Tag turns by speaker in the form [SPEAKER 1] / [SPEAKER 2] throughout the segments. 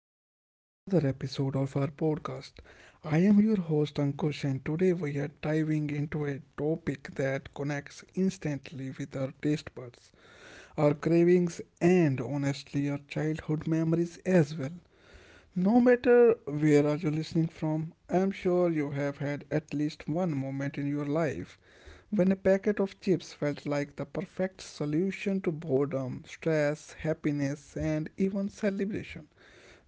[SPEAKER 1] welcome back to another episode of our podcast. I am your host Ankush, and today we are diving into a topic that connects instantly with our taste buds, our cravings, and honestly, our childhood memories as well. No matter where are you listening from, I am sure you have had at least one moment in your life when a packet of chips felt like the perfect solution to boredom, stress, happiness, and even celebration.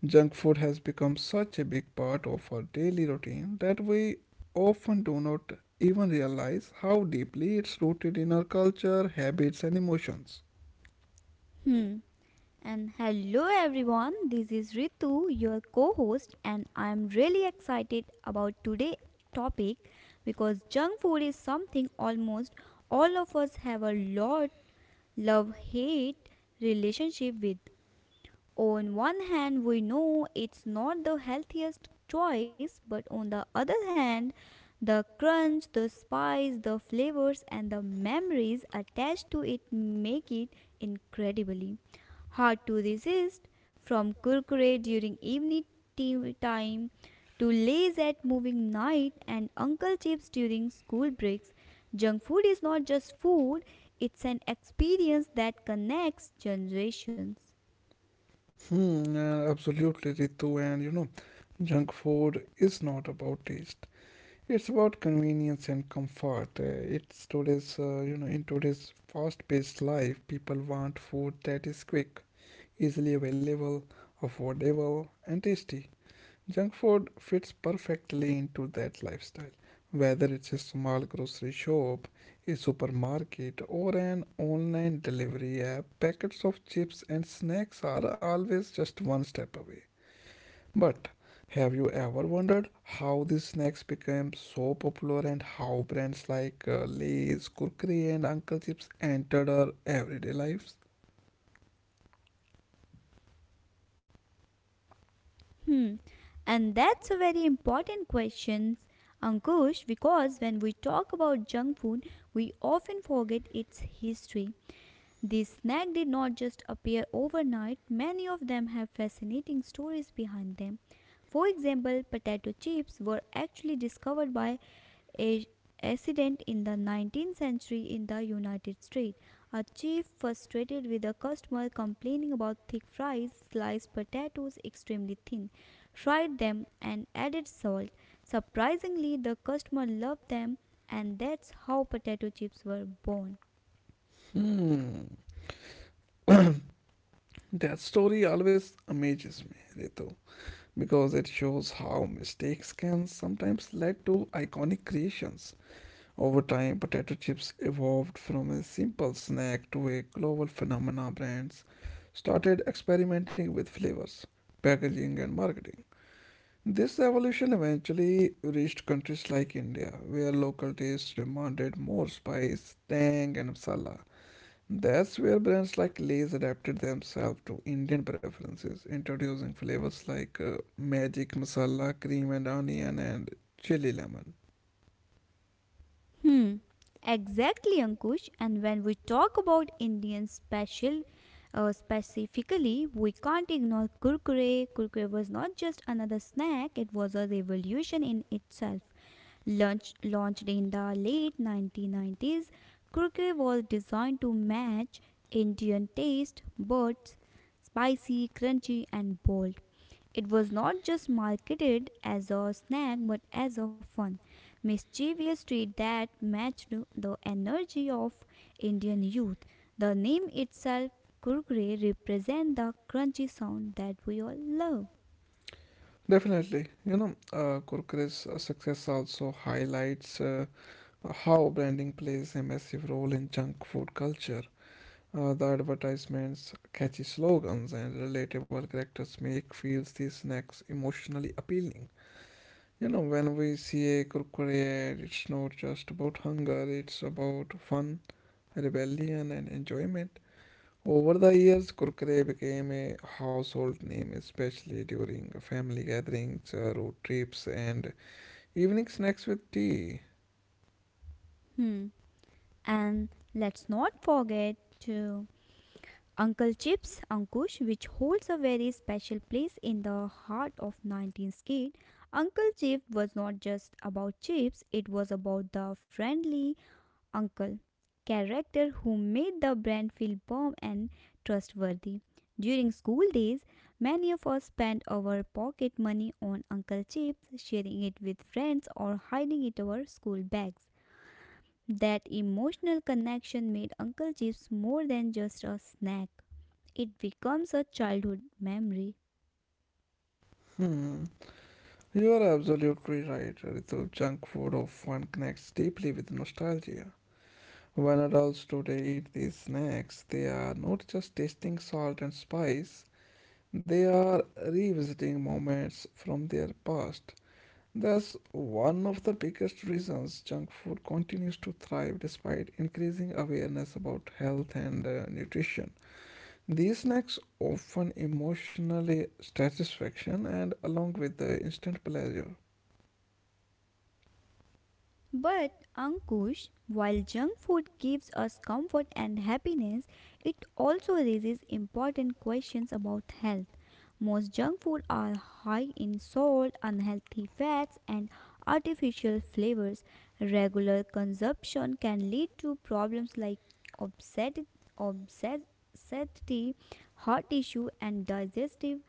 [SPEAKER 1] Junk food has become such a big part of our daily routine that we often do not even realize how deeply it's rooted in our culture, habits, and emotions.
[SPEAKER 2] Hmm. And hello everyone, this is Ritu, your co-host, and I am really excited about today's topic because junk food is something almost all of us have a lot love hate relationship with. On one hand, we know it's not the healthiest choice, but on the other hand, the crunch, the spice, the flavors, and the memories attached to it make it incredibly hard to resist. From kurkure during evening tea time to lays at moving night and uncle chips during school breaks, junk food is not just food, it's an experience that connects generations.
[SPEAKER 1] Absolutely, Ritu. And you know, junk food is not about taste. It's about convenience and comfort. It's today's, you know, in today's fast-paced life, people want food that is quick, easily available, affordable, and tasty. Junk food fits perfectly into that lifestyle, whether it's a small grocery shop, a supermarket, or an online delivery app. Packets of chips and snacks are always just one step away. But have you ever wondered how these snacks became so popular and how brands like Lay's, Kurkure, and Uncle Chips entered our everyday lives?
[SPEAKER 2] Hmm. And that's a very important question, Ankush, because when we talk about junk food, we often forget its history. These snacks did not just appear overnight, many of them have fascinating stories behind them. For example, potato chips were actually discovered by a accident in the 19th century in the United States. A chief frustrated with a customer complaining about thick fries, sliced potatoes extremely thin, fried them and added salt. Surprisingly, the customer loved them and that's how potato chips were born.
[SPEAKER 1] Hmm. That story always amazes me, Ritu, because it shows how mistakes can sometimes lead to iconic creations. Over time, potato chips evolved from a simple snack to a global phenomenon. Brands started experimenting with flavors, packaging and marketing. This evolution eventually reached countries like India, where local tastes demanded more spice, tang and masala. That's where brands like Lay's adapted themselves to Indian preferences, introducing flavors like magic masala, cream and onion, and chili lemon.
[SPEAKER 2] Hmm, exactly, Ankush. And when we talk about Indian special, specifically, we can't ignore kurkure. Kurkure was not just another snack; it was a revolution in itself. Launched in the late 1990s, kurkure was designed to match Indian taste buds, spicy, crunchy, and bold. It was not just marketed as a snack but as a fun mischievous street that matched the energy of Indian youth. The name itself, Kurkure, represents the crunchy sound that we all love.
[SPEAKER 1] Definitely, you know, Kurkure's success also highlights how branding plays a massive role in junk food culture. The advertisements, catchy slogans, and relatable characters make feels these snacks emotionally appealing. You know, when we see a Kurkure ad, it's not just about hunger, it's about fun, rebellion, and enjoyment. Over the years, Kurkure became a household name, especially during family gatherings, road trips, and evening snacks with tea.
[SPEAKER 2] Hmm. And let's not forget Uncle Chips Ankush, which holds a very special place in the heart of 19th Kid. Uncle Chip was not just about chips, it was about the friendly uncle, character who made the brand feel warm and trustworthy. During school days, many of us spent our pocket money on Uncle Chips, sharing it with friends or hiding it in our school bags. That emotional connection made Uncle Chips more than just a snack. It becomes a childhood memory.
[SPEAKER 1] Hmm. You are absolutely right, Ritu. Junk food often connects deeply with nostalgia. When adults today eat these snacks, they are not just tasting salt and spice, they are revisiting moments from their past. That's one of the biggest reasons junk food continues to thrive despite increasing awareness about health and nutrition. These snacks often emotionally satisfaction and along with the instant pleasure.
[SPEAKER 2] But Ankush, while junk food gives us comfort and happiness, it also raises important questions about health. Most junk food are high in salt, unhealthy fats and artificial flavors. Regular consumption can lead to problems like obsed- obsessity, heart issue and digestive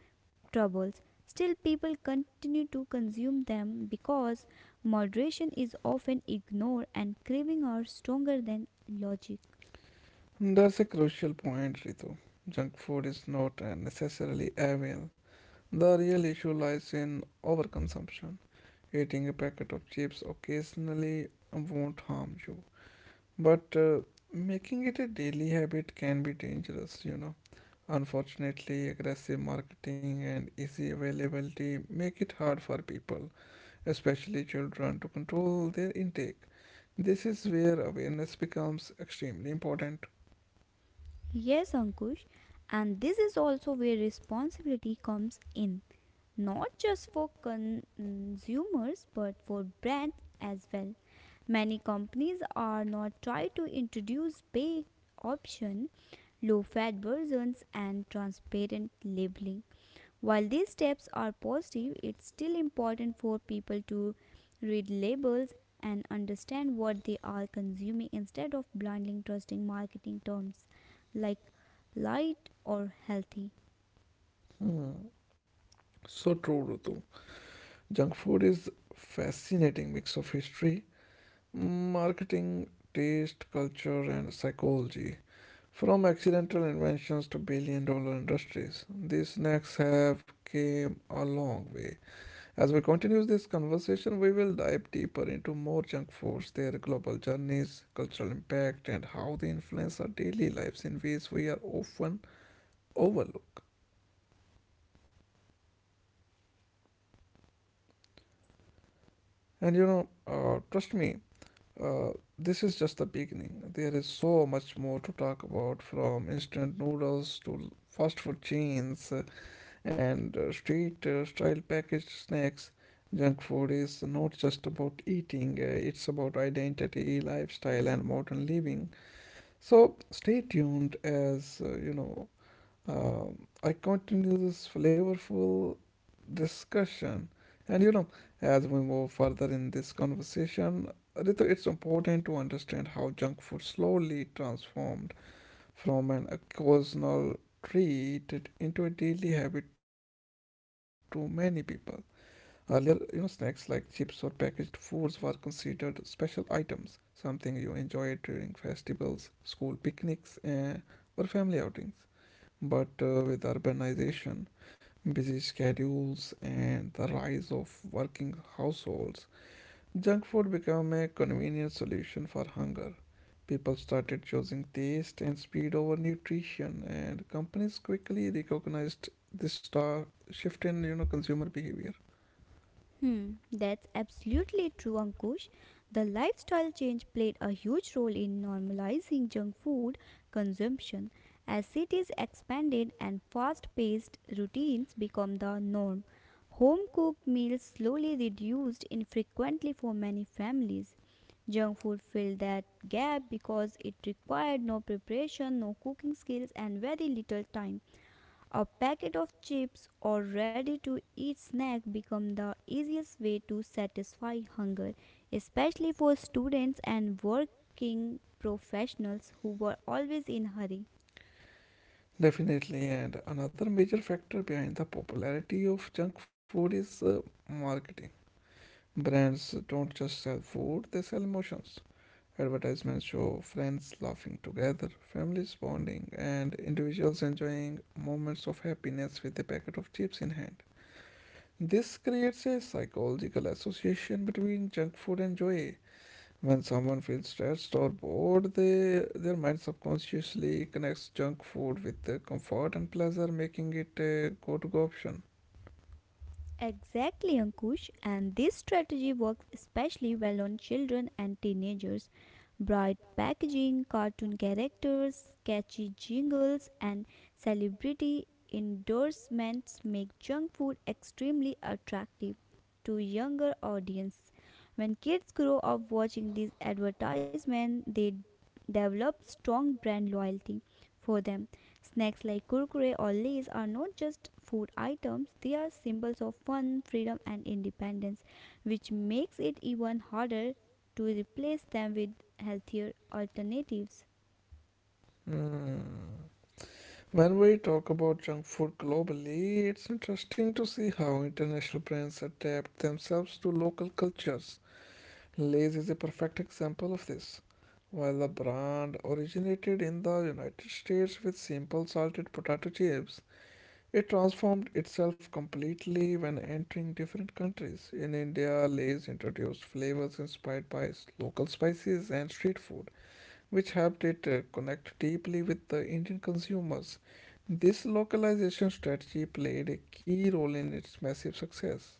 [SPEAKER 2] troubles. Still, people continue to consume them because moderation is often ignored and craving are stronger than logic.
[SPEAKER 1] That's a crucial point, Ritu. Junk food is not necessarily evil. The real issue lies in overconsumption. Eating a packet of chips occasionally won't harm you, but making it a daily habit can be dangerous, you know. Unfortunately, aggressive marketing and easy availability make it hard for people, especially children, to control their intake. This is where awareness becomes extremely important.
[SPEAKER 2] Yes, Ankush, and this is also where responsibility comes in, not just for consumers but for brands as well. Many companies are not trying to introduce baked option, low fat versions, and transparent labeling. While these steps are positive, it's still important for people to read labels and understand what they are consuming instead of blindly trusting marketing terms like light or healthy.
[SPEAKER 1] Hmm, so true, Rutu. Junk food is fascinating mix of history, marketing, taste, culture, and psychology. From accidental inventions to billion dollar industries, these snacks have came a long way. As we continue this conversation, we will dive deeper into more junk foods, their global journeys, cultural impact, and how they influence our daily lives in ways we are often overlook. And you know, trust me, uh, this is just the beginning. There is so much more to talk about from instant noodles to fast food chains, and street style packaged snacks, junk food is not just about eating, it's about identity, lifestyle, and modern living. So stay tuned as I continue this flavorful discussion. And you know, as we move further in this conversation, Ritu, it's important to understand how junk food slowly transformed from an occasional treat into a daily habit to many people. Earlier, you know, snacks like chips or packaged foods were considered special items, something you enjoyed during festivals, school picnics, or family outings. But with urbanization, busy schedules, and the rise of working households, junk food became a convenient solution for hunger. People started choosing taste and speed over nutrition, and companies quickly recognized this star shift in you know consumer behavior.
[SPEAKER 2] Hmm, that's absolutely true, Ankush. The lifestyle change played a huge role in normalizing junk food consumption. As cities expanded and fast paced routines become the norm, home cooked meals slowly reduced in frequency for many families. Junk food filled that gap because it required no preparation, no cooking skills, and very little time. A packet of chips or ready to eat snack become the easiest way to satisfy hunger, especially for students and working professionals who were always in a hurry.
[SPEAKER 1] Definitely, and another major factor behind the popularity of junk food is marketing. Brands don't just sell food, they sell emotions. Advertisements show friends laughing together, families bonding, and individuals enjoying moments of happiness with a packet of chips in hand. This creates a psychological association between junk food and joy, when someone feels stressed or bored, their mind subconsciously connects junk food with the comfort and pleasure, making it a go-to option.
[SPEAKER 2] Exactly, Ankush. And this strategy works especially well on children and teenagers. Bright packaging, cartoon characters, catchy jingles, and celebrity endorsements make junk food extremely attractive to younger audience. When kids grow up watching these advertisements, they develop strong brand loyalty for them. Snacks like kurkure or lays are not just food items, they are symbols of fun, freedom, and independence, which makes it even harder to replace them with healthier alternatives.
[SPEAKER 1] Hmm. When we talk about junk food globally, it's interesting to see how international brands adapt themselves to local cultures. Lay's is a perfect example of this. While the brand originated in the United States with simple salted potato chips, it transformed itself completely when entering different countries. In India, Lay's introduced flavors inspired by local spices and street food, which helped it connect deeply with the Indian consumers. This localization strategy played a key role in its massive success.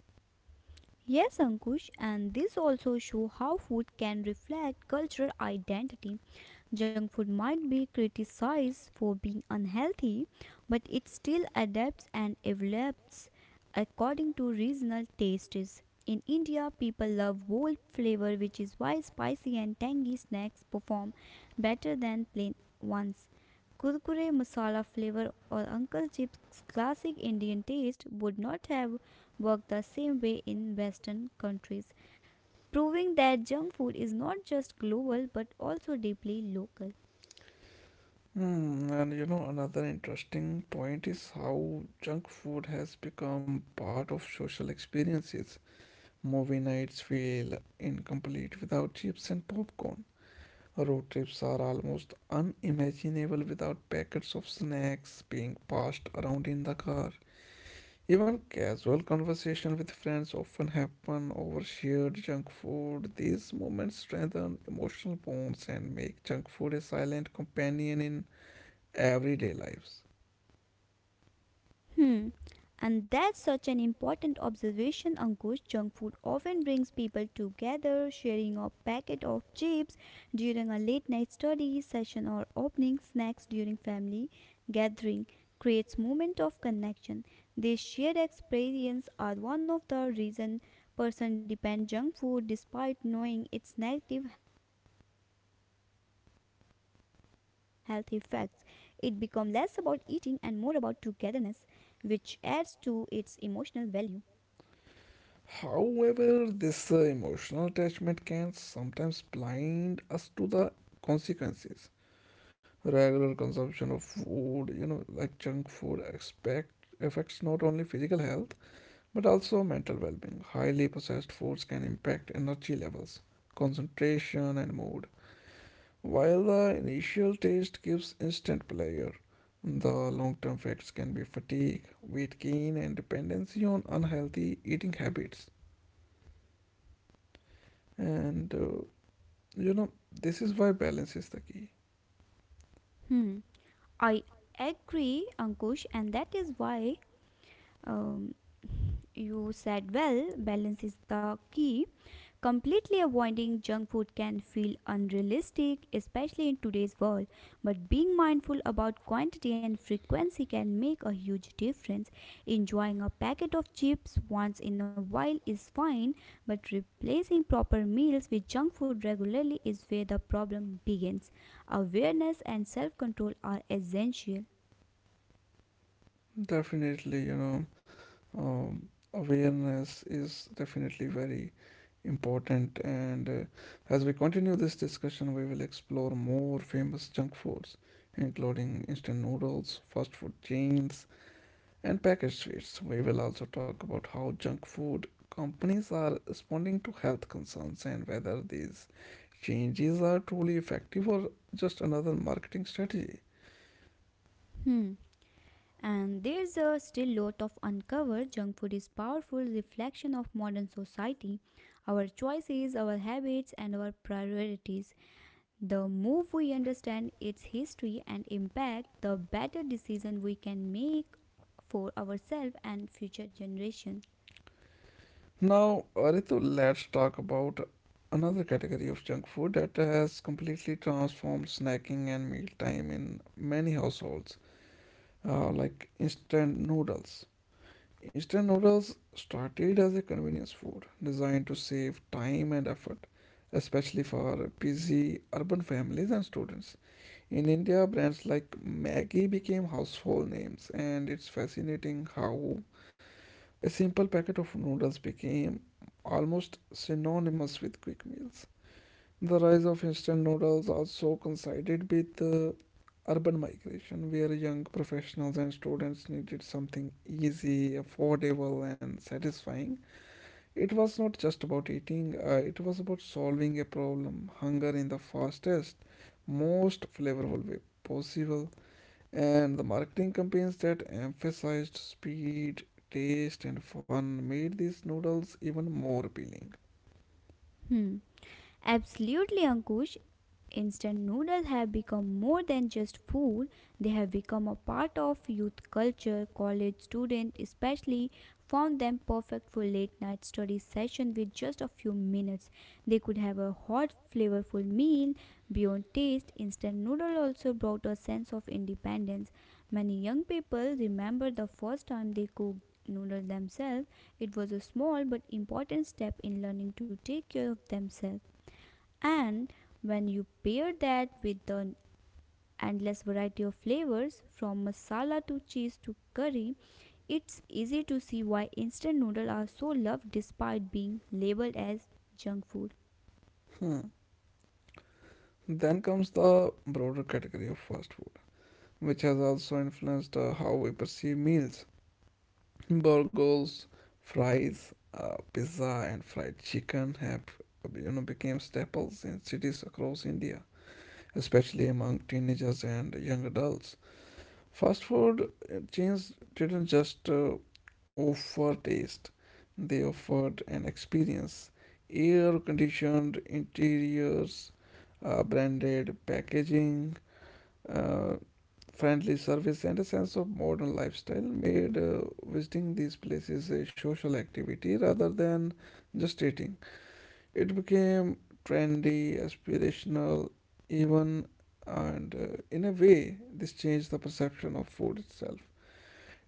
[SPEAKER 2] Yes, Ankush, and this also shows how food can reflect cultural identity. Junk food might be criticized for being unhealthy, but it still adapts and evolves according to regional tastes. In India, people love bold flavor, which is why spicy and tangy snacks perform better than plain ones. Kurkure masala flavor or Uncle Chip's classic Indian taste would not have worked the same way in Western countries, proving that junk food is not just global but also deeply local.
[SPEAKER 1] Hmm, and you know, another interesting point is how junk food has become part of social experiences. Movie nights feel incomplete without chips and popcorn. Road trips are almost unimaginable without packets of snacks being passed around in the car. Even casual conversation with friends often happen over shared junk food. These moments strengthen emotional bonds and make junk food a silent companion in everyday lives.
[SPEAKER 2] Hmm. And that's such an important observation, Ankush. Junk food often brings people together, sharing a packet of chips during a late night study session or opening snacks during family gathering creates moment of connection. These shared experience are one of the reason person depend junk food despite knowing its negative health effects. It becomes less about eating and more about togetherness which adds to its emotional value.
[SPEAKER 1] However, this emotional attachment can sometimes blind us to the consequences. Regular consumption of food, you know, like junk food, expect affects not only physical health but also mental well-being. Highly processed foods can impact energy levels, concentration, and mood. While the initial taste gives instant pleasure, the long-term effects can be fatigue, weight gain, and dependency on unhealthy eating habits. And you know, this is why balance is the key.
[SPEAKER 2] Hmm. I agree, Ankush, and that is why um, you said well, balance is the key. Completely avoiding junk food can feel unrealistic, especially in today's world. But being mindful about quantity and frequency can make a huge difference. Enjoying a packet of chips once in a while is fine, but replacing proper meals with junk food regularly is where the problem begins. Awareness and self control are essential.
[SPEAKER 1] Definitely, you know, awareness is definitely very important and as we continue this discussion we will explore more famous junk foods including instant noodles fast food chains and packaged sweets. We will also talk about how junk food companies are responding to health concerns and whether these changes are truly effective or just another marketing strategy.
[SPEAKER 2] Hmm. And there's a still lot of uncovered junk food is powerful reflection of modern society, our choices, our habits and our priorities. The more we understand its history and impact, the better decision we can make for ourselves and future generation.
[SPEAKER 1] Now, Ritu, let's talk about another category of junk food that has completely transformed snacking and mealtime in many households, like instant noodles. Instant noodles started as a convenience food designed to save time and effort, especially for busy urban families and students. In India, brands like Maggi became household names, and it's fascinating how a simple packet of noodles became almost synonymous with quick meals. The rise of instant noodles also coincided with urban migration, where young professionals and students needed something easy, affordable, and satisfying. It was not just about eating, it was about solving a problem, hunger in the fastest, most flavorful way possible. And the marketing campaigns that emphasized speed, taste, and fun made these noodles even more appealing.
[SPEAKER 2] Hmm. Absolutely, Ankush. Instant noodles have become more than just food, they have become a part of youth culture. College students, especially, found them perfect for late night study session with just a few minutes. They could have a hot, flavorful meal. Beyond taste, instant noodle also brought a sense of independence. Many young people remember the first time they cooked noodles themselves. It was a small but important step in learning to take care of themselves. And when you pair that with the endless variety of flavors, from masala to cheese to curry, it's easy to see why instant noodles are so loved despite being labeled as junk food.
[SPEAKER 1] Hmm. Then comes the broader category of fast food, which has also influenced how we perceive meals. Burgers, fries, pizza, and fried chicken have you know became staples in cities across India, especially among teenagers and young adults. Fast food chains didn't just offer taste, they offered an experience. Air conditioned interiors, branded packaging, uh, friendly service, and a sense of modern lifestyle made visiting these places a social activity rather than just eating. It became trendy, aspirational, even, and in a way, this changed the perception of food itself.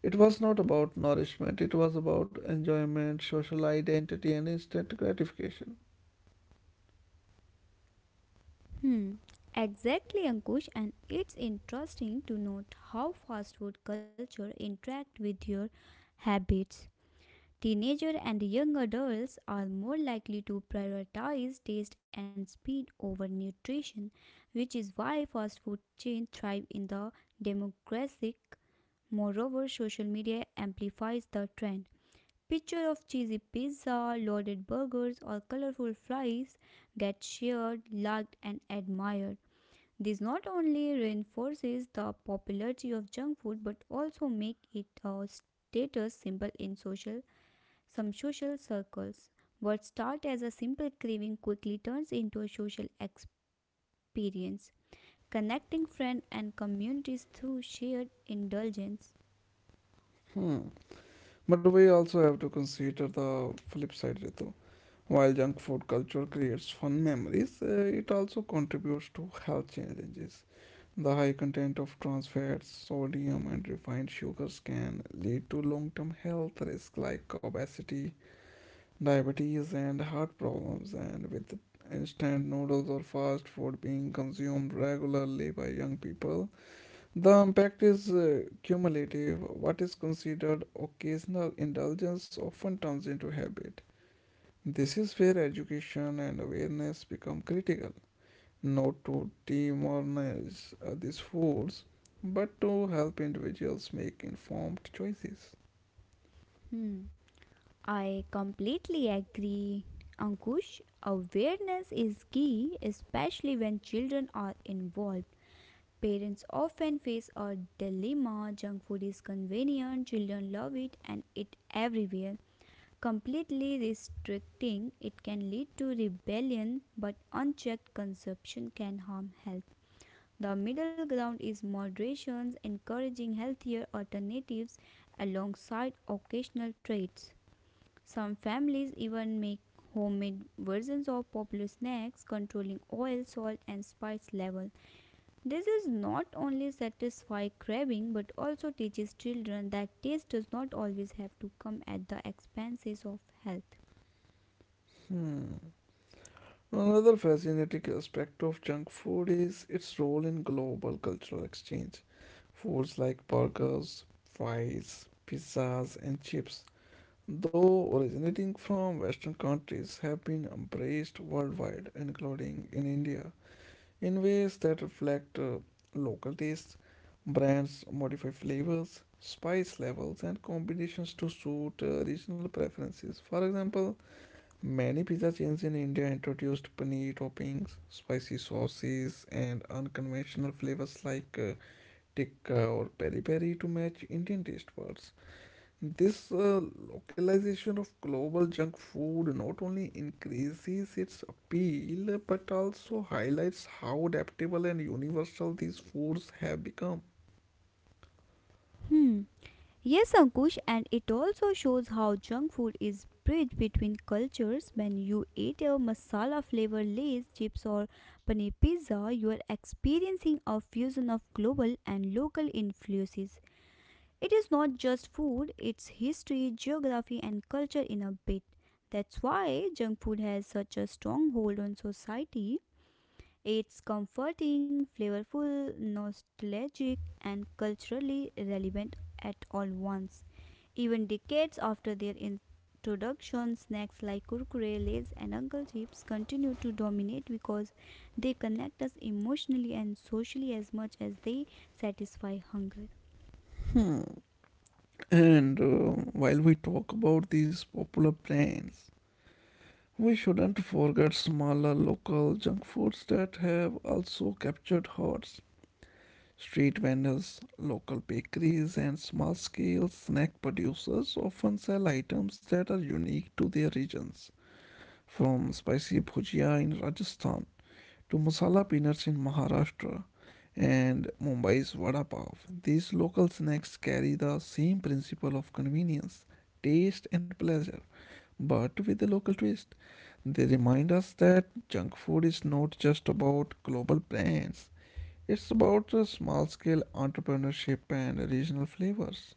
[SPEAKER 1] It was not about nourishment, it was about enjoyment, social identity, and instant gratification.
[SPEAKER 2] Hmm, exactly, Ankush. And it's interesting to note how fast food culture interact with your habits. Teenager and young adults are more likely to prioritize taste and speed over nutrition, which is why fast food chains thrive in the demographic. Moreover, social media amplifies the trend. Picture of cheesy pizza, loaded burgers, or colorful fries get shared, liked, and admired. This not only reinforces the popularity of junk food but also makes it a status symbol in social some social circles, what start as a simple craving quickly turns into a social experience, connecting friends and communities through shared indulgence.
[SPEAKER 1] Hmm. But we also have to consider the flip side, Ritu. While junk food culture creates fun memories, it also contributes to health challenges. The high content of trans fats, sodium, and refined sugars can lead to long term health risks like obesity, diabetes and heart problems and with instant noodles or fast food being consumed regularly by young people the impact is cumulative. What is considered occasional indulgence often turns into habit. This is where education and awareness become critical, not to demonize these foods but to help individuals make informed choices.
[SPEAKER 2] Hmm, I completely agree. Ankush, awareness is key, especially when children are involved. Parents often face a dilemma junk food is convenient, children love it, and it everywhere. Completely restricting it can lead to rebellion, but unchecked consumption can harm health. The middle ground is moderation, encouraging healthier alternatives alongside occasional treats. Some families even make homemade versions of popular snacks, controlling oil, salt, and spice level. This is not only satisfy craving but also teaches children that taste does not always have to come at the expenses of health.
[SPEAKER 1] Hmm. Another fascinating aspect of junk food is its role in global cultural exchange. Foods like burgers, fries, pizzas, and chips, though originating from Western countries, have been embraced worldwide, including in India, in ways that reflect local tastes. Brands modify flavors, spice levels, and combinations to suit regional preferences. For example, many pizza chains in India introduced paneer toppings, spicy sauces, and unconventional flavors like tikka or peri peri to match Indian taste buds. This localization of global junk food not only increases its appeal but also highlights how adaptable and universal these foods have become.
[SPEAKER 2] Hmm. Yes, Ankush, and it also shows how junk food is bridge between cultures. When you eat a masala flavor lays, chips, or paneer pizza, you are experiencing a fusion of global and local influences. It is not just food, it's history, geography, and culture in a bit. That's why junk food has such a strong hold on society. It's comforting, flavorful, nostalgic, and culturally relevant at all once. Even decades after their introduction, snacks like kurkure, lays, and uncle chips continue to dominate because they connect us emotionally and socially as much as they satisfy hunger.
[SPEAKER 1] And while we talk about these popular brands, we shouldn't forget smaller local junk foods that have also captured hearts. Street vendors, local bakeries, and small scale snack producers often sell items that are unique to their regions, from spicy bhujia in Rajasthan to masala peanuts in Maharashtra and Mumbai's vada pav. These local snacks carry the same principle of convenience, taste, and pleasure, but with a local twist. They remind us that junk food is not just about global brands, it's about small scale entrepreneurship and regional flavors.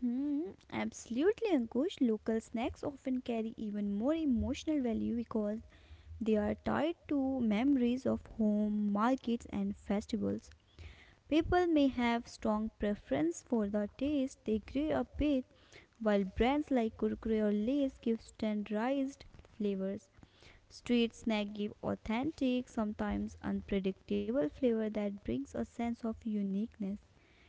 [SPEAKER 2] Hmm, absolutely, Ankush. Local snacks often carry even more emotional value because they are tied to memories of home, markets, and festivals. People may have strong preference for the taste they grew up with, while brands like Kurkure or Lay's give standardized flavors. Street snacks give authentic, sometimes unpredictable flavor that brings a sense of uniqueness.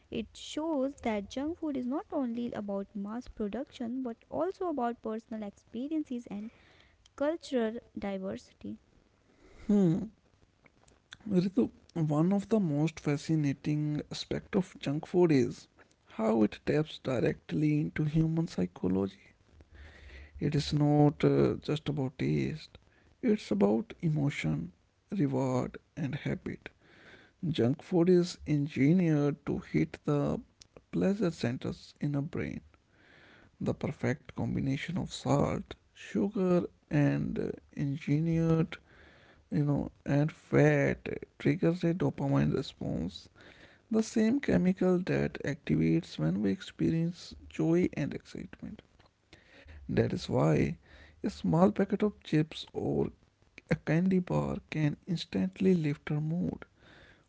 [SPEAKER 2] It shows that junk food is not only about mass production but also about personal experiences and cultural diversity.
[SPEAKER 1] Hmm, Ritu, one of the most fascinating aspects of junk food is how it taps directly into human psychology. It is not just about taste, it's about emotion, reward, and habit. Junk food is engineered to hit the pleasure centers in our brain. The perfect combination of salt, sugar, and engineered, and fat triggers a dopamine response, the same chemical that activates when we experience joy and excitement. That is why a small packet of chips or a candy bar can instantly lift our mood.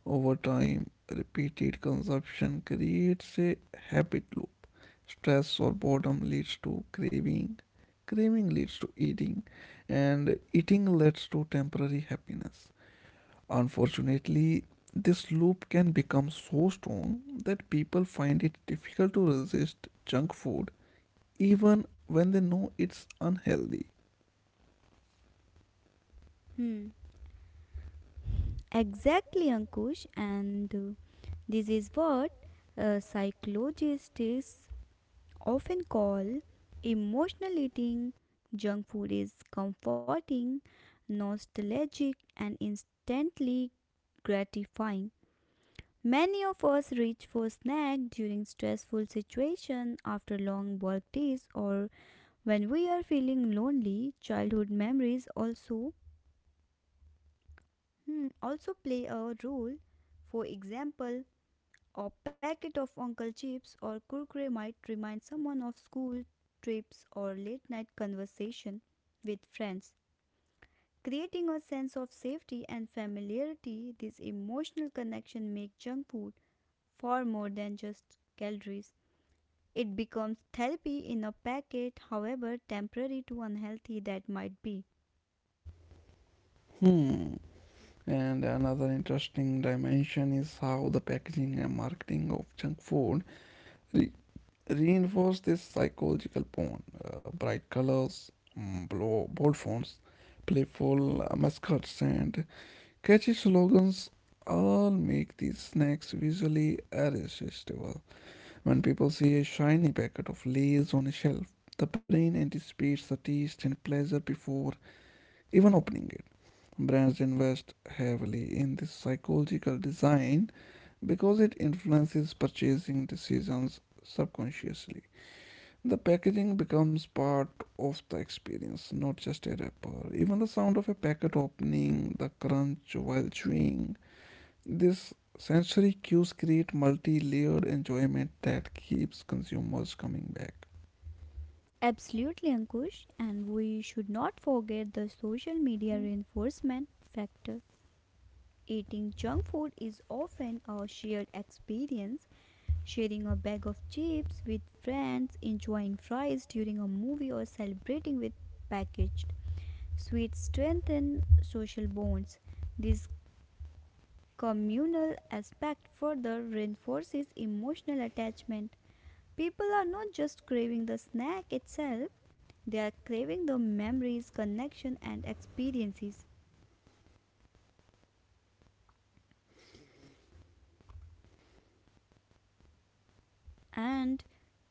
[SPEAKER 1] Over time, repeated consumption creates a habit loop. Stress or boredom leads to craving, craving leads to eating, and eating leads to temporary happiness. Unfortunately, this loop can become so strong that people find it difficult to resist junk food even when they know it's unhealthy.
[SPEAKER 2] Hmm. Exactly, Ankush, and this is what psychologists often call emotional eating. Junk food is comforting, nostalgic, and instantly gratifying. Many of us reach for snack during stressful situation after long work days or when we are feeling lonely. Childhood memories also play a role. For example, a packet of Uncle Chips or Kurkure might remind someone of school trips or late night conversation with friends. Creating a sense of safety and familiarity, this emotional connection makes junk food far more than just calories. It becomes therapy in a packet, however temporary to unhealthy that might be.
[SPEAKER 1] Hmm. And another interesting dimension is how the packaging and marketing of junk food Re- reinforce this psychological bond. Bright colors, bold fonts, playful mascots, and catchy slogans all make these snacks visually irresistible. When people see a shiny packet of Lay's on a shelf, the brain anticipates the taste and pleasure before even opening it. Brands invest heavily in this psychological design because it influences purchasing decisions subconsciously. The packaging becomes part of the experience, not just a wrapper. Even the sound of a packet opening, the crunch while chewing, these sensory cues create multi-layered enjoyment that keeps consumers coming back.
[SPEAKER 2] Absolutely, Ankush, and we should not forget the social media reinforcement factor. Eating junk food is often a shared experience. Sharing a bag of chips with friends, enjoying fries during a movie, or celebrating with packaged sweets strengthen social bonds. This communal aspect further reinforces emotional attachment. People are not just craving the snack itself, they are craving the memories, connection, and experiences. And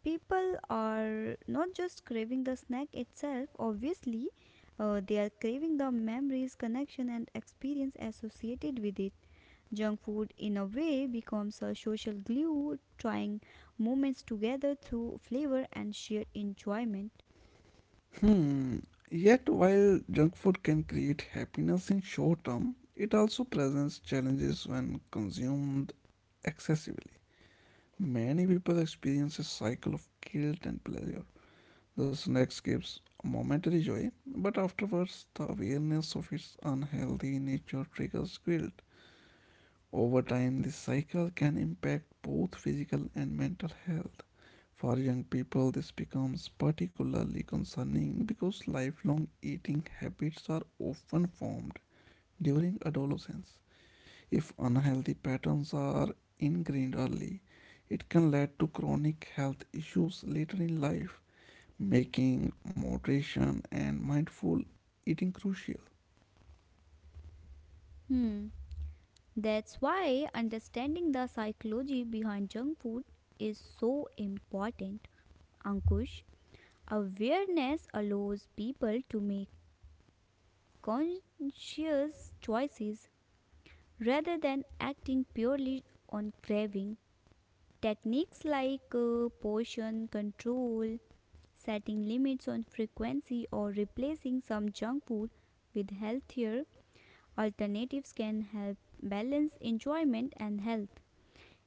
[SPEAKER 2] people are not just craving the snack itself obviously they are craving the memories, connection, and experience associated with it. Junk food, in a way, becomes a social glue, tying moments together through flavor and shared enjoyment.
[SPEAKER 1] Hmm. Yet while junk food can create happiness in short term, it also presents challenges when consumed excessively. Many people experience a cycle of guilt and pleasure. The snacks gives momentary joy, but afterwards the awareness of its unhealthy nature triggers guilt. Over time, this cycle can impact both physical and mental health. For young people, this becomes particularly concerning because lifelong eating habits are often formed during adolescence. If unhealthy patterns are ingrained early, it can lead to chronic health issues later in life, making moderation and mindful eating crucial.
[SPEAKER 2] Hmm. That's why understanding the psychology behind junk food is so important, Ankush. Awareness allows people to make conscious choices rather than acting purely on craving. Techniques like portion control, setting limits on frequency, or replacing some junk food with healthier alternatives can help balance enjoyment and health.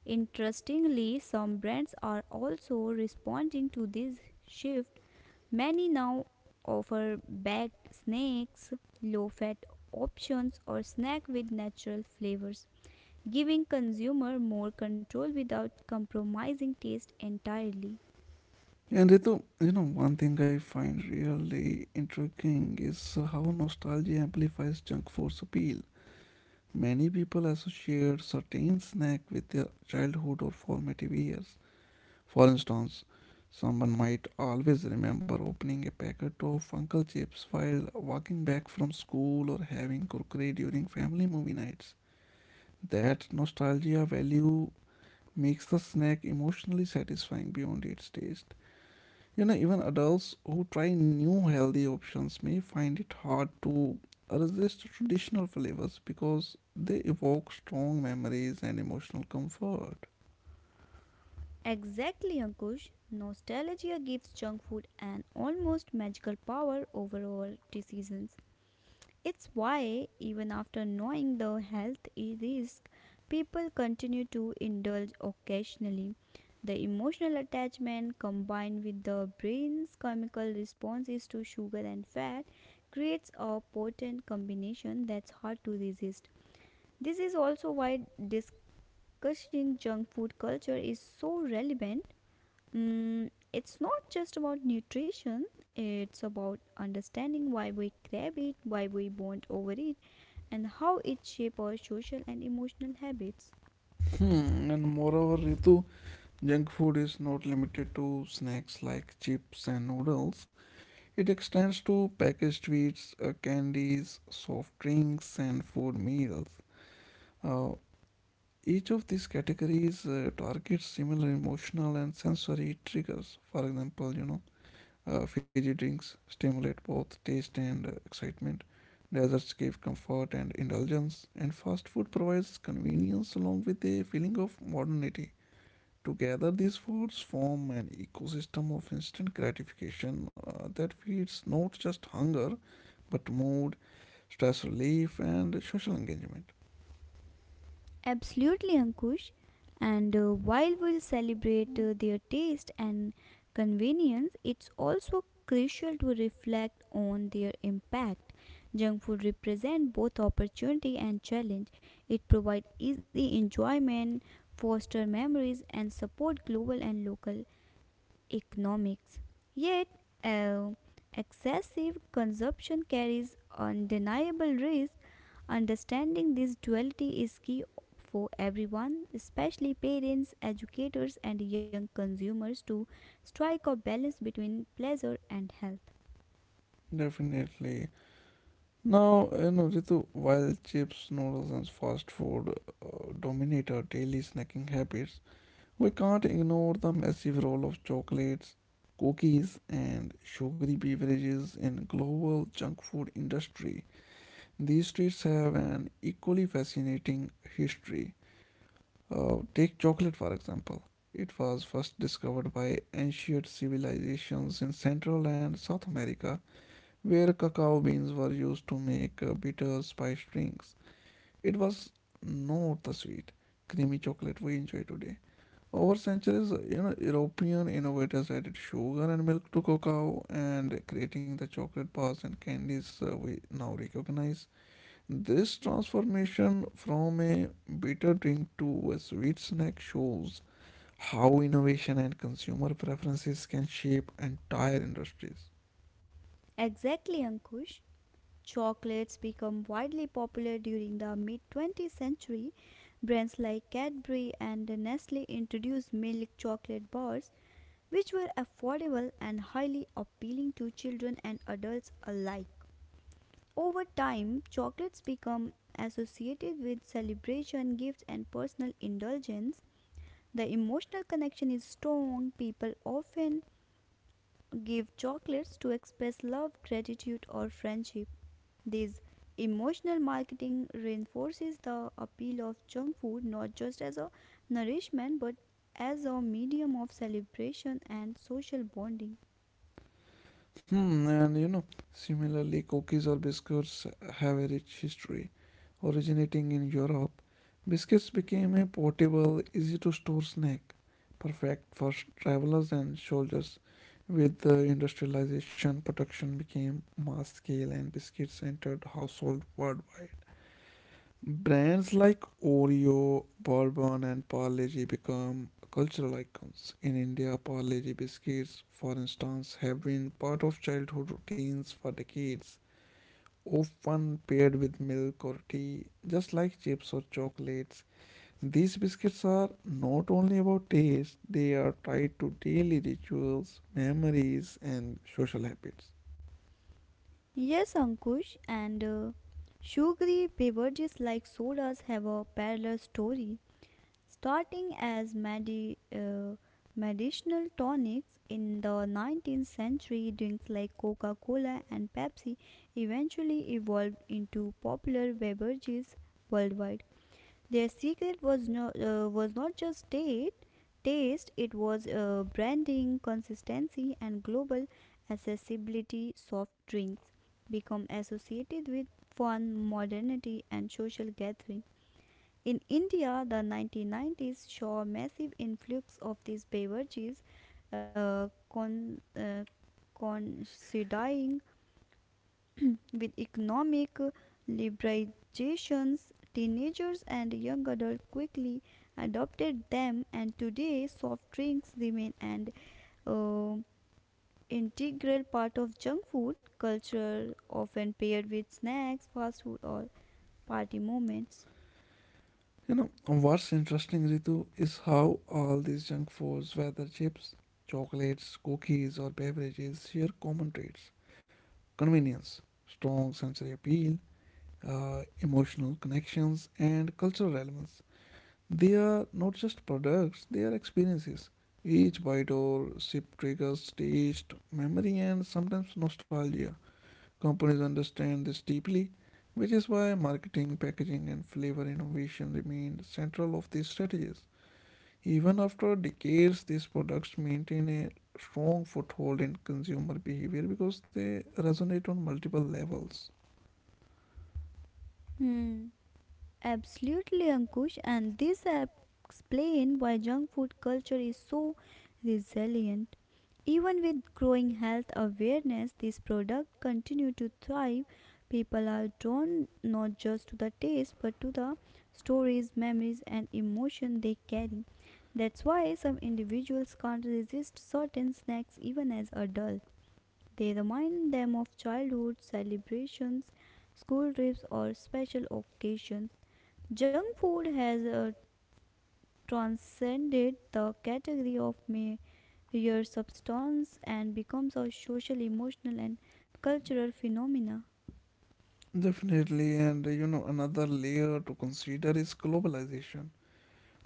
[SPEAKER 2] Interestingly, some brands are also responding to this shift. Many now offer baked snacks, low fat options, or snack with natural flavors, giving consumer more control without compromising taste entirely.
[SPEAKER 1] And Ritu, you know, one thing I find really intriguing is how nostalgia amplifies junk food's appeal. Many people associate certain snack with their childhood or formative years. For instance, someone might always remember opening a packet of Uncle Chips while walking back from school or having kurkure during family movie nights. That nostalgia value makes the snack emotionally satisfying beyond its taste. You know, even adults who try new healthy options may find it hard to resist traditional flavors because they evoke strong memories and emotional comfort.
[SPEAKER 2] Exactly, Ankush. Nostalgia gives junk food an almost magical power over our decisions. It's why, even after knowing the health risk, people continue to indulge occasionally. The emotional attachment combined with the brain's chemical responses to sugar and fat creates a potent combination that's hard to resist. This is also why discussing junk food culture is so relevant. Mm, it's not just about nutrition, it's about understanding why we crave it, why we want over it, and how it shapes our social and emotional habits.
[SPEAKER 1] Hmm, and moreover, Ritu, junk food is not limited to snacks like chips and noodles. It extends to packaged sweets, candies, soft drinks, and food meals. Uh, Each of these categories targets similar emotional and sensory triggers. For example, fizzy drinks stimulate both taste and excitement. Desserts give comfort and indulgence, and fast food provides convenience along with a feeling of modernity. Together, these foods form an ecosystem of instant gratification that feeds not just hunger but mood, stress relief, and social engagement.
[SPEAKER 2] Absolutely, Ankush. And while we'll celebrate their taste and convenience, it's also crucial to reflect on their impact. Junk food represents both opportunity and challenge. It provides easy enjoyment, foster memories, and support global and local economics. Yet, uh, excessive consumption carries undeniable risk. Understanding this duality is key for everyone, especially parents, educators, and young consumers, to strike a balance between pleasure and health.
[SPEAKER 1] Definitely. Now, you know, Ritu, while chips, noodles, and fast food dominate our daily snacking habits, we can't ignore the massive role of chocolates, cookies, and sugary beverages in global junk food industry. These treats have an equally fascinating history. Take chocolate for example. It was first discovered by ancient civilizations in Central and South America where cacao beans were used to make bitter spice drinks. It was not the sweet, creamy chocolate we enjoy today. Over centuries, European innovators added sugar and milk to cacao and creating the chocolate bars and candies we now recognize. This transformation from a bitter drink to a sweet snack shows how innovation and consumer preferences can shape entire industries.
[SPEAKER 2] Exactly, Ankush. Chocolates become widely popular during the mid 20th century. Brands like Cadbury and Nestle introduced milk chocolate bars which were affordable and highly appealing to children and adults alike. Over time, chocolates become associated with celebration, gifts, and personal indulgence. The emotional connection is strong. People often give chocolates to express love, gratitude, or friendship. This emotional marketing reinforces the appeal of junk food not just as a nourishment but as a medium of celebration and social bonding.
[SPEAKER 1] Hmm, and you know, similarly, cookies or biscuits have a rich history. Originating in Europe, biscuits became a portable, easy to store snack, perfect for travelers and soldiers. With the industrialization, production became mass scale and biscuits entered household worldwide. Brands like Oreo, Bourbon, and Parle-G become cultural icons. In India, Parle-G biscuits, for instance, have been part of childhood routines for decades, often paired with milk or tea, just like chips or chocolates. These biscuits are not only about taste, they are tied to daily rituals, memories, and social habits.
[SPEAKER 2] Yes, Ankush, and sugary beverages like sodas have a parallel story, starting as medicinal tonics in the 19th century. Drinks like Coca Cola and Pepsi eventually evolved into popular beverages worldwide. Their secret was was not just date, taste; it was branding, consistency, and global accessibility. Soft drinks become associated with fun, modernity, and social gathering. In India, the 1990s saw a massive influx of these beverages, uh, con- uh, coinciding with economic liberalizations, teenagers and young adults quickly adopted them, and today soft drinks remain an uh, integral part of junk food culture, often paired with snacks, fast food, or party moments.
[SPEAKER 1] You know, what's interesting, Ritu, is how all these junk foods, whether chips, chocolates, cookies, or beverages, share common traits: convenience, strong sensory appeal, emotional connections, and cultural relevance. They are not just products, they are experiences. Each bite or sip triggers taste, memory, and sometimes nostalgia. Companies understand this deeply, which is why marketing, packaging, and flavor innovation remained central of these strategies. Even after decades, these products maintain a strong foothold in consumer behavior because they resonate on multiple levels.
[SPEAKER 2] Hmm. Absolutely, Ankush, and this explains why junk food culture is so resilient. Even with growing health awareness, these products continue to thrive. People are drawn not just to the taste but to the stories, memories, and emotion they carry. That's why some individuals can't resist certain snacks even as adults. They remind them of childhood celebrations, school trips, or special occasions. Junk food has a transcended the category of mere substance and becomes a social, emotional, and cultural phenomena.
[SPEAKER 1] Definitely, and you know, another layer to consider is globalization.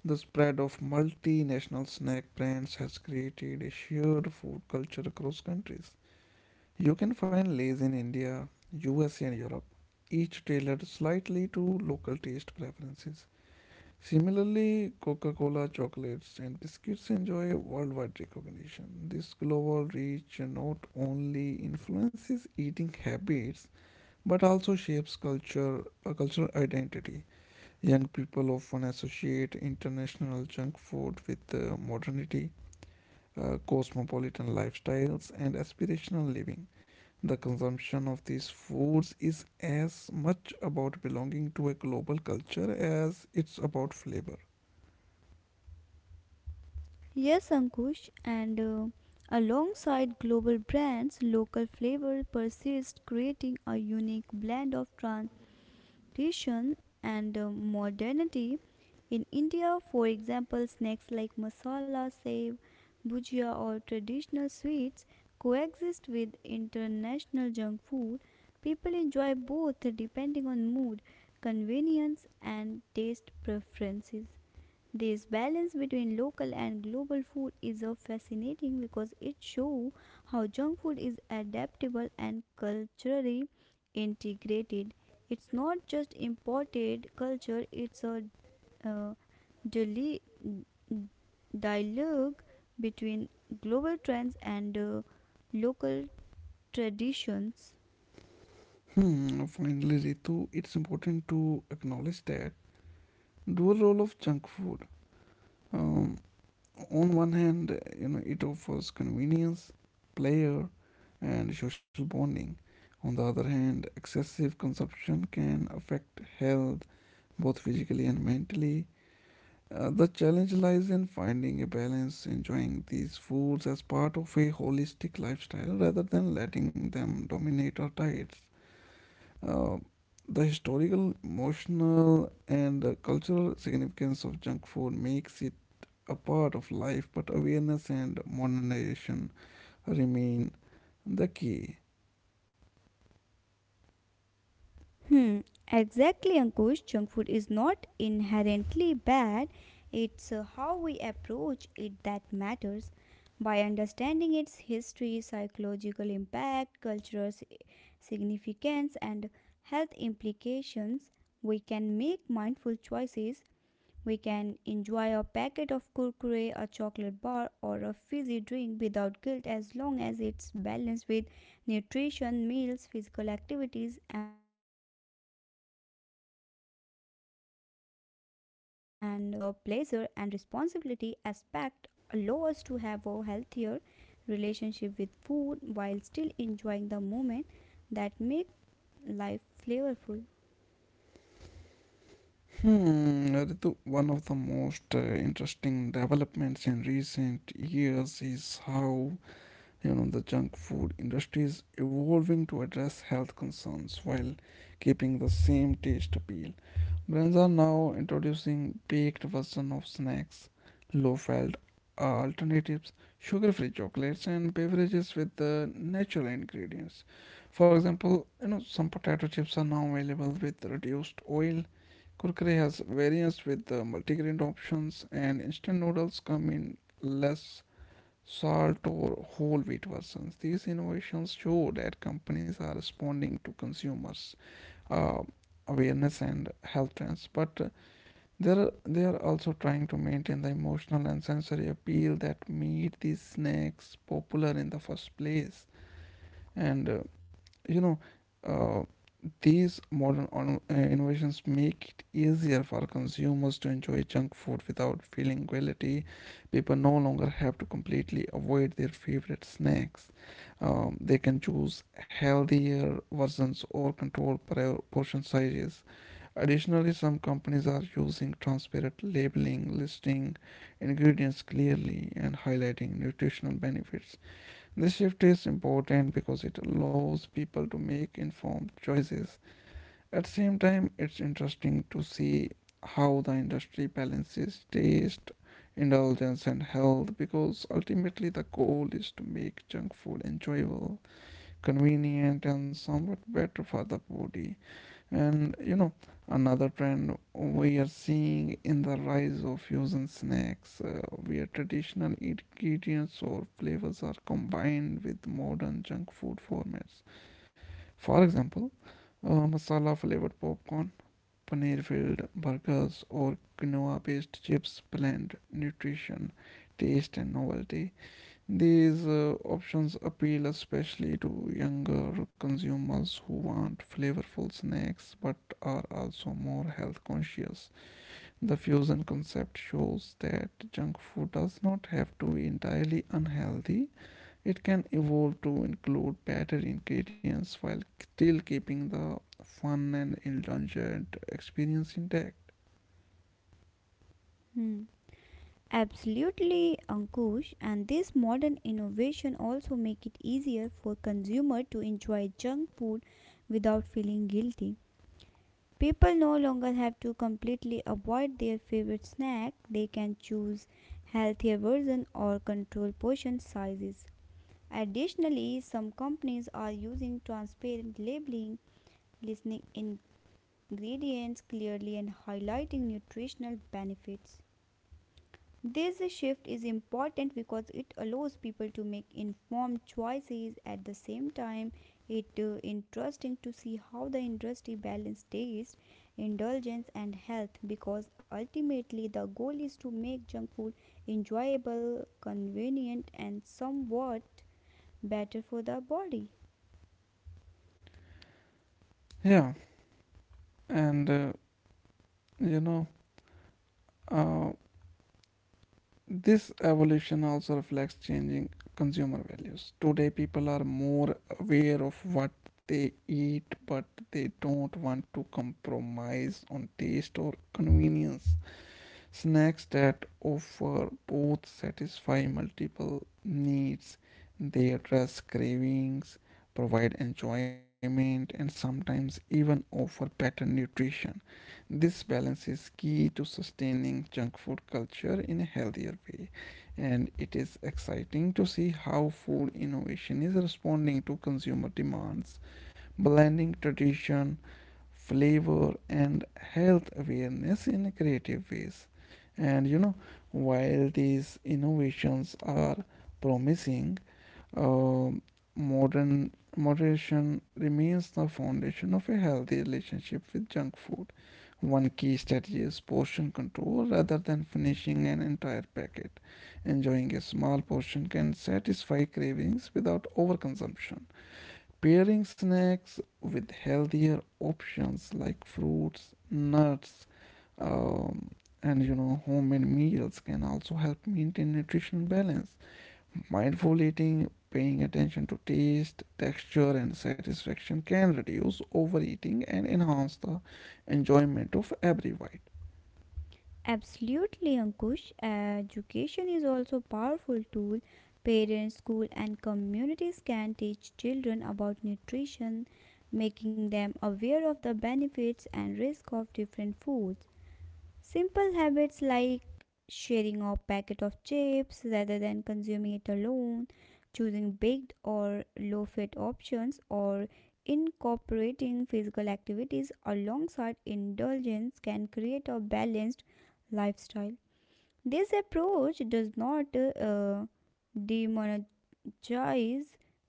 [SPEAKER 1] The spread of multinational snack brands has created a shared food culture across countries. You can find lays in India, USA, and Europe, each tailored slightly to local taste preferences. Similarly, Coca Cola chocolates and biscuits enjoy worldwide recognition. This global reach not only influences eating habits but also shapes culture, a cultural identity. Young people often associate international junk food with modernity, cosmopolitan lifestyles and aspirational living. The consumption of these foods is as much about belonging to a global culture as it's about flavor.
[SPEAKER 2] Yes, Ankush, and alongside global brands, local flavors persist, creating a unique blend of trans tradition and modernity. In India, for example, snacks like masala, sev, bhujia, or traditional sweets coexist with international junk food. People enjoy both depending on mood, convenience, and taste preferences. This balance between local and global food is fascinating because it shows how junk food is adaptable and culturally integrated. It's not just imported culture, it's a uh, dili- dialogue between global trends and local traditions.
[SPEAKER 1] Hmm, finally, Ritu, it's important to acknowledge that dual role of junk food. Um, on one hand, you know, it offers convenience, pleasure, and social bonding. On the other hand, excessive consumption can affect health both physically and mentally. The challenge lies in finding a balance, enjoying these foods as part of a holistic lifestyle rather than letting them dominate our diets. Uh, the historical, emotional, and cultural significance of junk food makes it a part of life, but awareness and modernization remain the key.
[SPEAKER 2] Hmm, exactly, Ankush. Junk food is not inherently bad. It's how we approach it that matters. By understanding its history, psychological impact, significance, and health implications, make mindful choices. We can enjoy a packet of kurkure, a chocolate bar, or a fizzy drink without guilt as long as it's balanced with nutrition, meals, physical activities, and moderation, placing both the pleasure and responsibility aspect, allows us to have a healthier relationship with food while still enjoying the moment that make life flavorful.
[SPEAKER 1] Ritu, one of the most interesting developments in recent years is how, you know, the junk food industry is evolving to address health concerns while keeping the same taste appeal. Brands are now introducing baked version of snacks, low fat alternatives, sugar-free chocolates and beverages with the natural ingredients. For example, you know, some potato chips are now available with reduced oil, kurkure has variants with the multigrain options, and instant noodles come in less salt or whole wheat versions. These innovations show that companies are responding to consumers' uh, awareness and health trends, but they're also trying to maintain the emotional and sensory appeal that made these snacks popular in the first place. And you know, uh, these modern innovations make it easier for consumers to enjoy junk food without feeling guilty. People no longer have to completely avoid their favorite snacks. They can choose healthier versions or control portion sizes. Additionally, some companies are using transparent labeling, listing ingredients clearly, and highlighting nutritional benefits. This shift is important because it allows people to make informed choices. At the same time, it's interesting to see how the industry balances taste, indulgence, and health because ultimately the goal is to make junk food enjoyable, convenient, and somewhat better for the body. And you know, another trend we are seeing in the rise of fusion snacks, where traditional ingredients or flavors are combined with modern junk food formats. For example, masala flavored popcorn, paneer filled burgers or quinoa based chips blend nutrition, taste and novelty. These options appeal especially to younger consumers who want flavorful snacks but are also more health conscious. The fusion concept shows that junk food does not have to be entirely unhealthy, it can evolve to include better ingredients while still keeping the fun and indulgent experience intact.
[SPEAKER 2] Hmm. Absolutely, Ankush, and this modern innovation also make it easier for consumer to enjoy junk food without feeling guilty. People no longer have to completely avoid their favorite snack, they can choose healthier versions or control portion sizes. Additionally, some companies are using transparent labeling, listing ingredients clearly and highlighting nutritional benefits. This shift is important because it allows people to make informed choices. At the same time, it's interesting to see how the industry balances taste, indulgence, and health because ultimately the goal is to make junk food enjoyable, convenient, and somewhat better for the body.
[SPEAKER 1] Yeah, and you know, uh, this evolution also reflects changing consumer values. Today, people are more aware of what they eat, but they don't want to compromise on taste or convenience. Snacks that offer both satisfy multiple needs, they address cravings, provide enjoyment, and sometimes even offer better nutrition. This balance is key to sustaining junk food culture in a healthier way, and it is exciting to see how food innovation is responding to consumer demands, blending tradition, flavor and health awareness in creative ways. And you know, while these innovations are promising, uh, modern moderation remains the foundation of a healthy relationship with junk food. One key strategy is portion control rather than finishing an entire packet. Enjoying a small portion can satisfy cravings without overconsumption. Pairing snacks with healthier options like fruits, nuts, um, and you know, homemade meals can also help maintain nutrition balance. Mindful eating, paying attention to taste, texture, and satisfaction can reduce overeating and enhance the enjoyment of every bite.
[SPEAKER 2] Absolutely, Ankush. Education is also a powerful tool. Parents, school, and communities can teach children about nutrition, making them aware of the benefits and risk of different foods. Simple habits like sharing a packet of chips rather than consuming it alone, choosing baked or low fat options, or incorporating physical activities alongside indulgence can create a balanced lifestyle. This approach does not demonize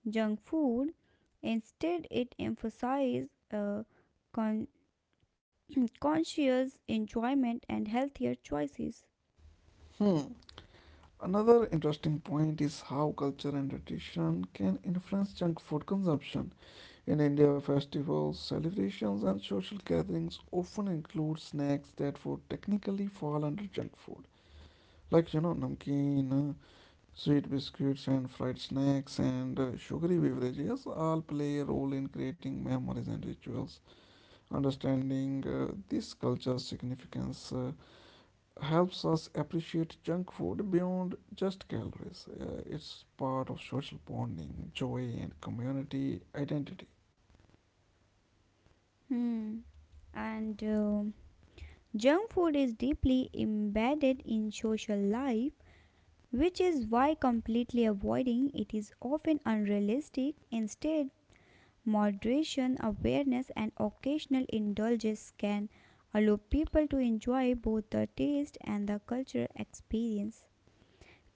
[SPEAKER 2] junk food, instead, it emphasizes con- conscious enjoyment and healthier choices.
[SPEAKER 1] Hmm. Another interesting point is how culture and nutrition can influence junk food consumption. In India, festivals, celebrations, and social gatherings often include snacks that would technically fall under junk food, like you know, namkeen, sweet biscuits, and fried snacks, and sugary beverages all play a role in creating memories and rituals. Understanding this culture's significance helps us appreciate junk food beyond just calories. It's part of social bonding, joy, and community identity.
[SPEAKER 2] Hmm. And junk food is deeply embedded in social life, which is why completely avoiding it is often unrealistic. Instead, moderation, awareness, and occasional indulgence can allow people to enjoy both the taste and the cultural experience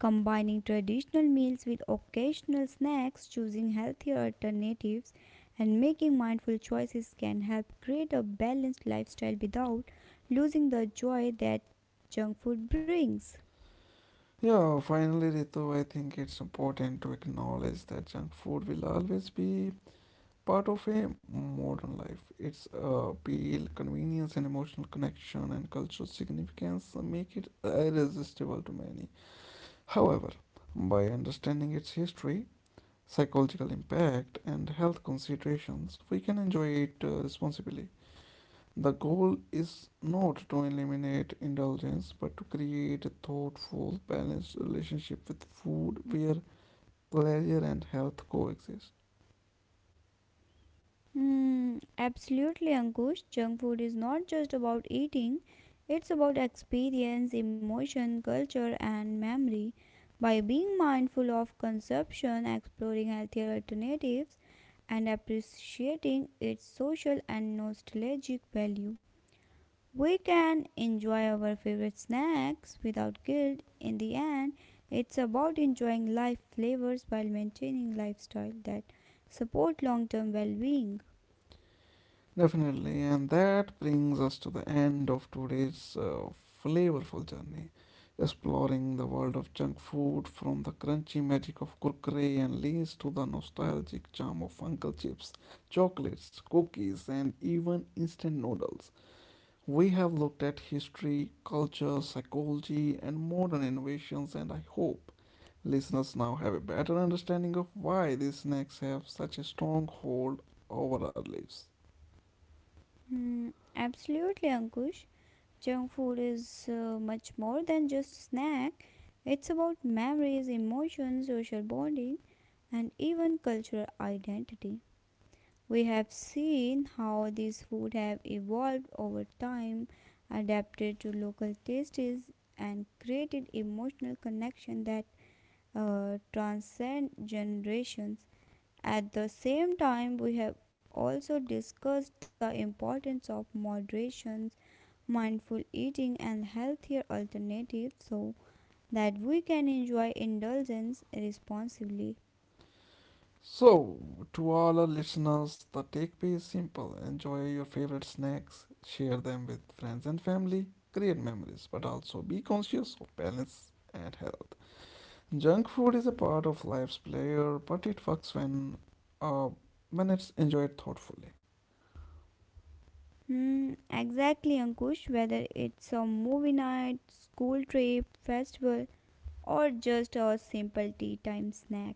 [SPEAKER 2] combining traditional meals with occasional snacks, choosing healthier alternatives, and making mindful choices can help create a balanced lifestyle without losing the joy that junk food brings.
[SPEAKER 1] Yeah, finally, Ritu, I think it's important to acknowledge that junk food will always be part of a modern life. Its appeal, convenience, and emotional connection and cultural significance make it irresistible to many. However, by understanding its history, psychological impact, and health considerations, we can enjoy it responsibly. The goal is not to eliminate indulgence but to create a thoughtful, balanced relationship with food where pleasure and health coexist.
[SPEAKER 2] Hmm, absolutely, Ankush. Junk food is not just about eating, it's about experience, emotion, culture, and memory. By being mindful of consumption, exploring healthier alternatives, and appreciating its social and nostalgic value, we can enjoy our favorite snacks without guilt. In the end, it's about enjoying life flavors while maintaining lifestyle that support long-term well-being.
[SPEAKER 1] Definitely, and that brings us to the end of today's flavorful journey, exploring the world of junk food from the crunchy magic of Kurkure and Lays to the nostalgic charm of Uncle Chips, chocolates, cookies, and even instant noodles. We have looked at history, culture, psychology, and modern innovations, and I hope listeners now have a better understanding of why these snacks have such a strong hold over our lives.
[SPEAKER 2] Hmm, absolutely, Ankush. Junk food is much more than just snack. It's about memories, emotions, social bonding, and even cultural identity. We have seen how these food have evolved over time, adapted to local tastes, and created emotional connection that transcend generations. At the same time, we have also discussed the importance of moderation, mindful eating, and healthier alternatives so that we can enjoy indulgence responsibly.
[SPEAKER 1] So, to all our listeners, the takeaway is simple: enjoy your favorite snacks, share them with friends and family, create memories, but also be conscious of balance and health. Junk food is a part of life's player, but it works uh, when it's enjoyed thoughtfully.
[SPEAKER 2] Hmm, exactly, Ankush. Whether it's a movie night, school trip, festival, or just a simple tea time snack.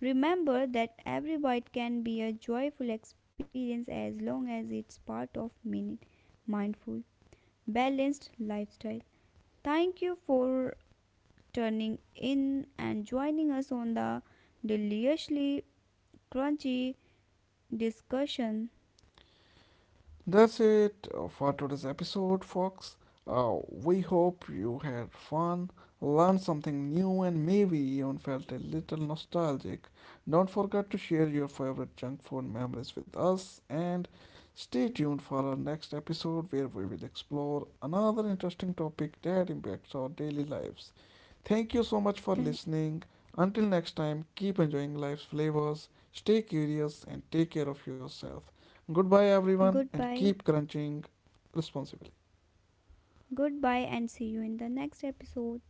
[SPEAKER 2] Remember that every bite can be a joyful experience as long as it's part of meaning, mindful, balanced lifestyle. Thank you for turning in and joining us on the deliciously crunchy discussion.
[SPEAKER 1] That's it for today's episode, folks. We hope you had fun, learned something new, and maybe even felt a little nostalgic. Don't forget to share your favorite junk food memories with us and stay tuned for our next episode where we will explore another interesting topic that impacts our daily lives. Thank you so much for
[SPEAKER 2] Th-
[SPEAKER 1] listening. Until next time, keep enjoying life's flavors, stay curious, and take care of yourself. Goodbye, everyone, and
[SPEAKER 2] Goodbye.
[SPEAKER 1] keep crunching responsibly.
[SPEAKER 2] Goodbye and see you in the next episode.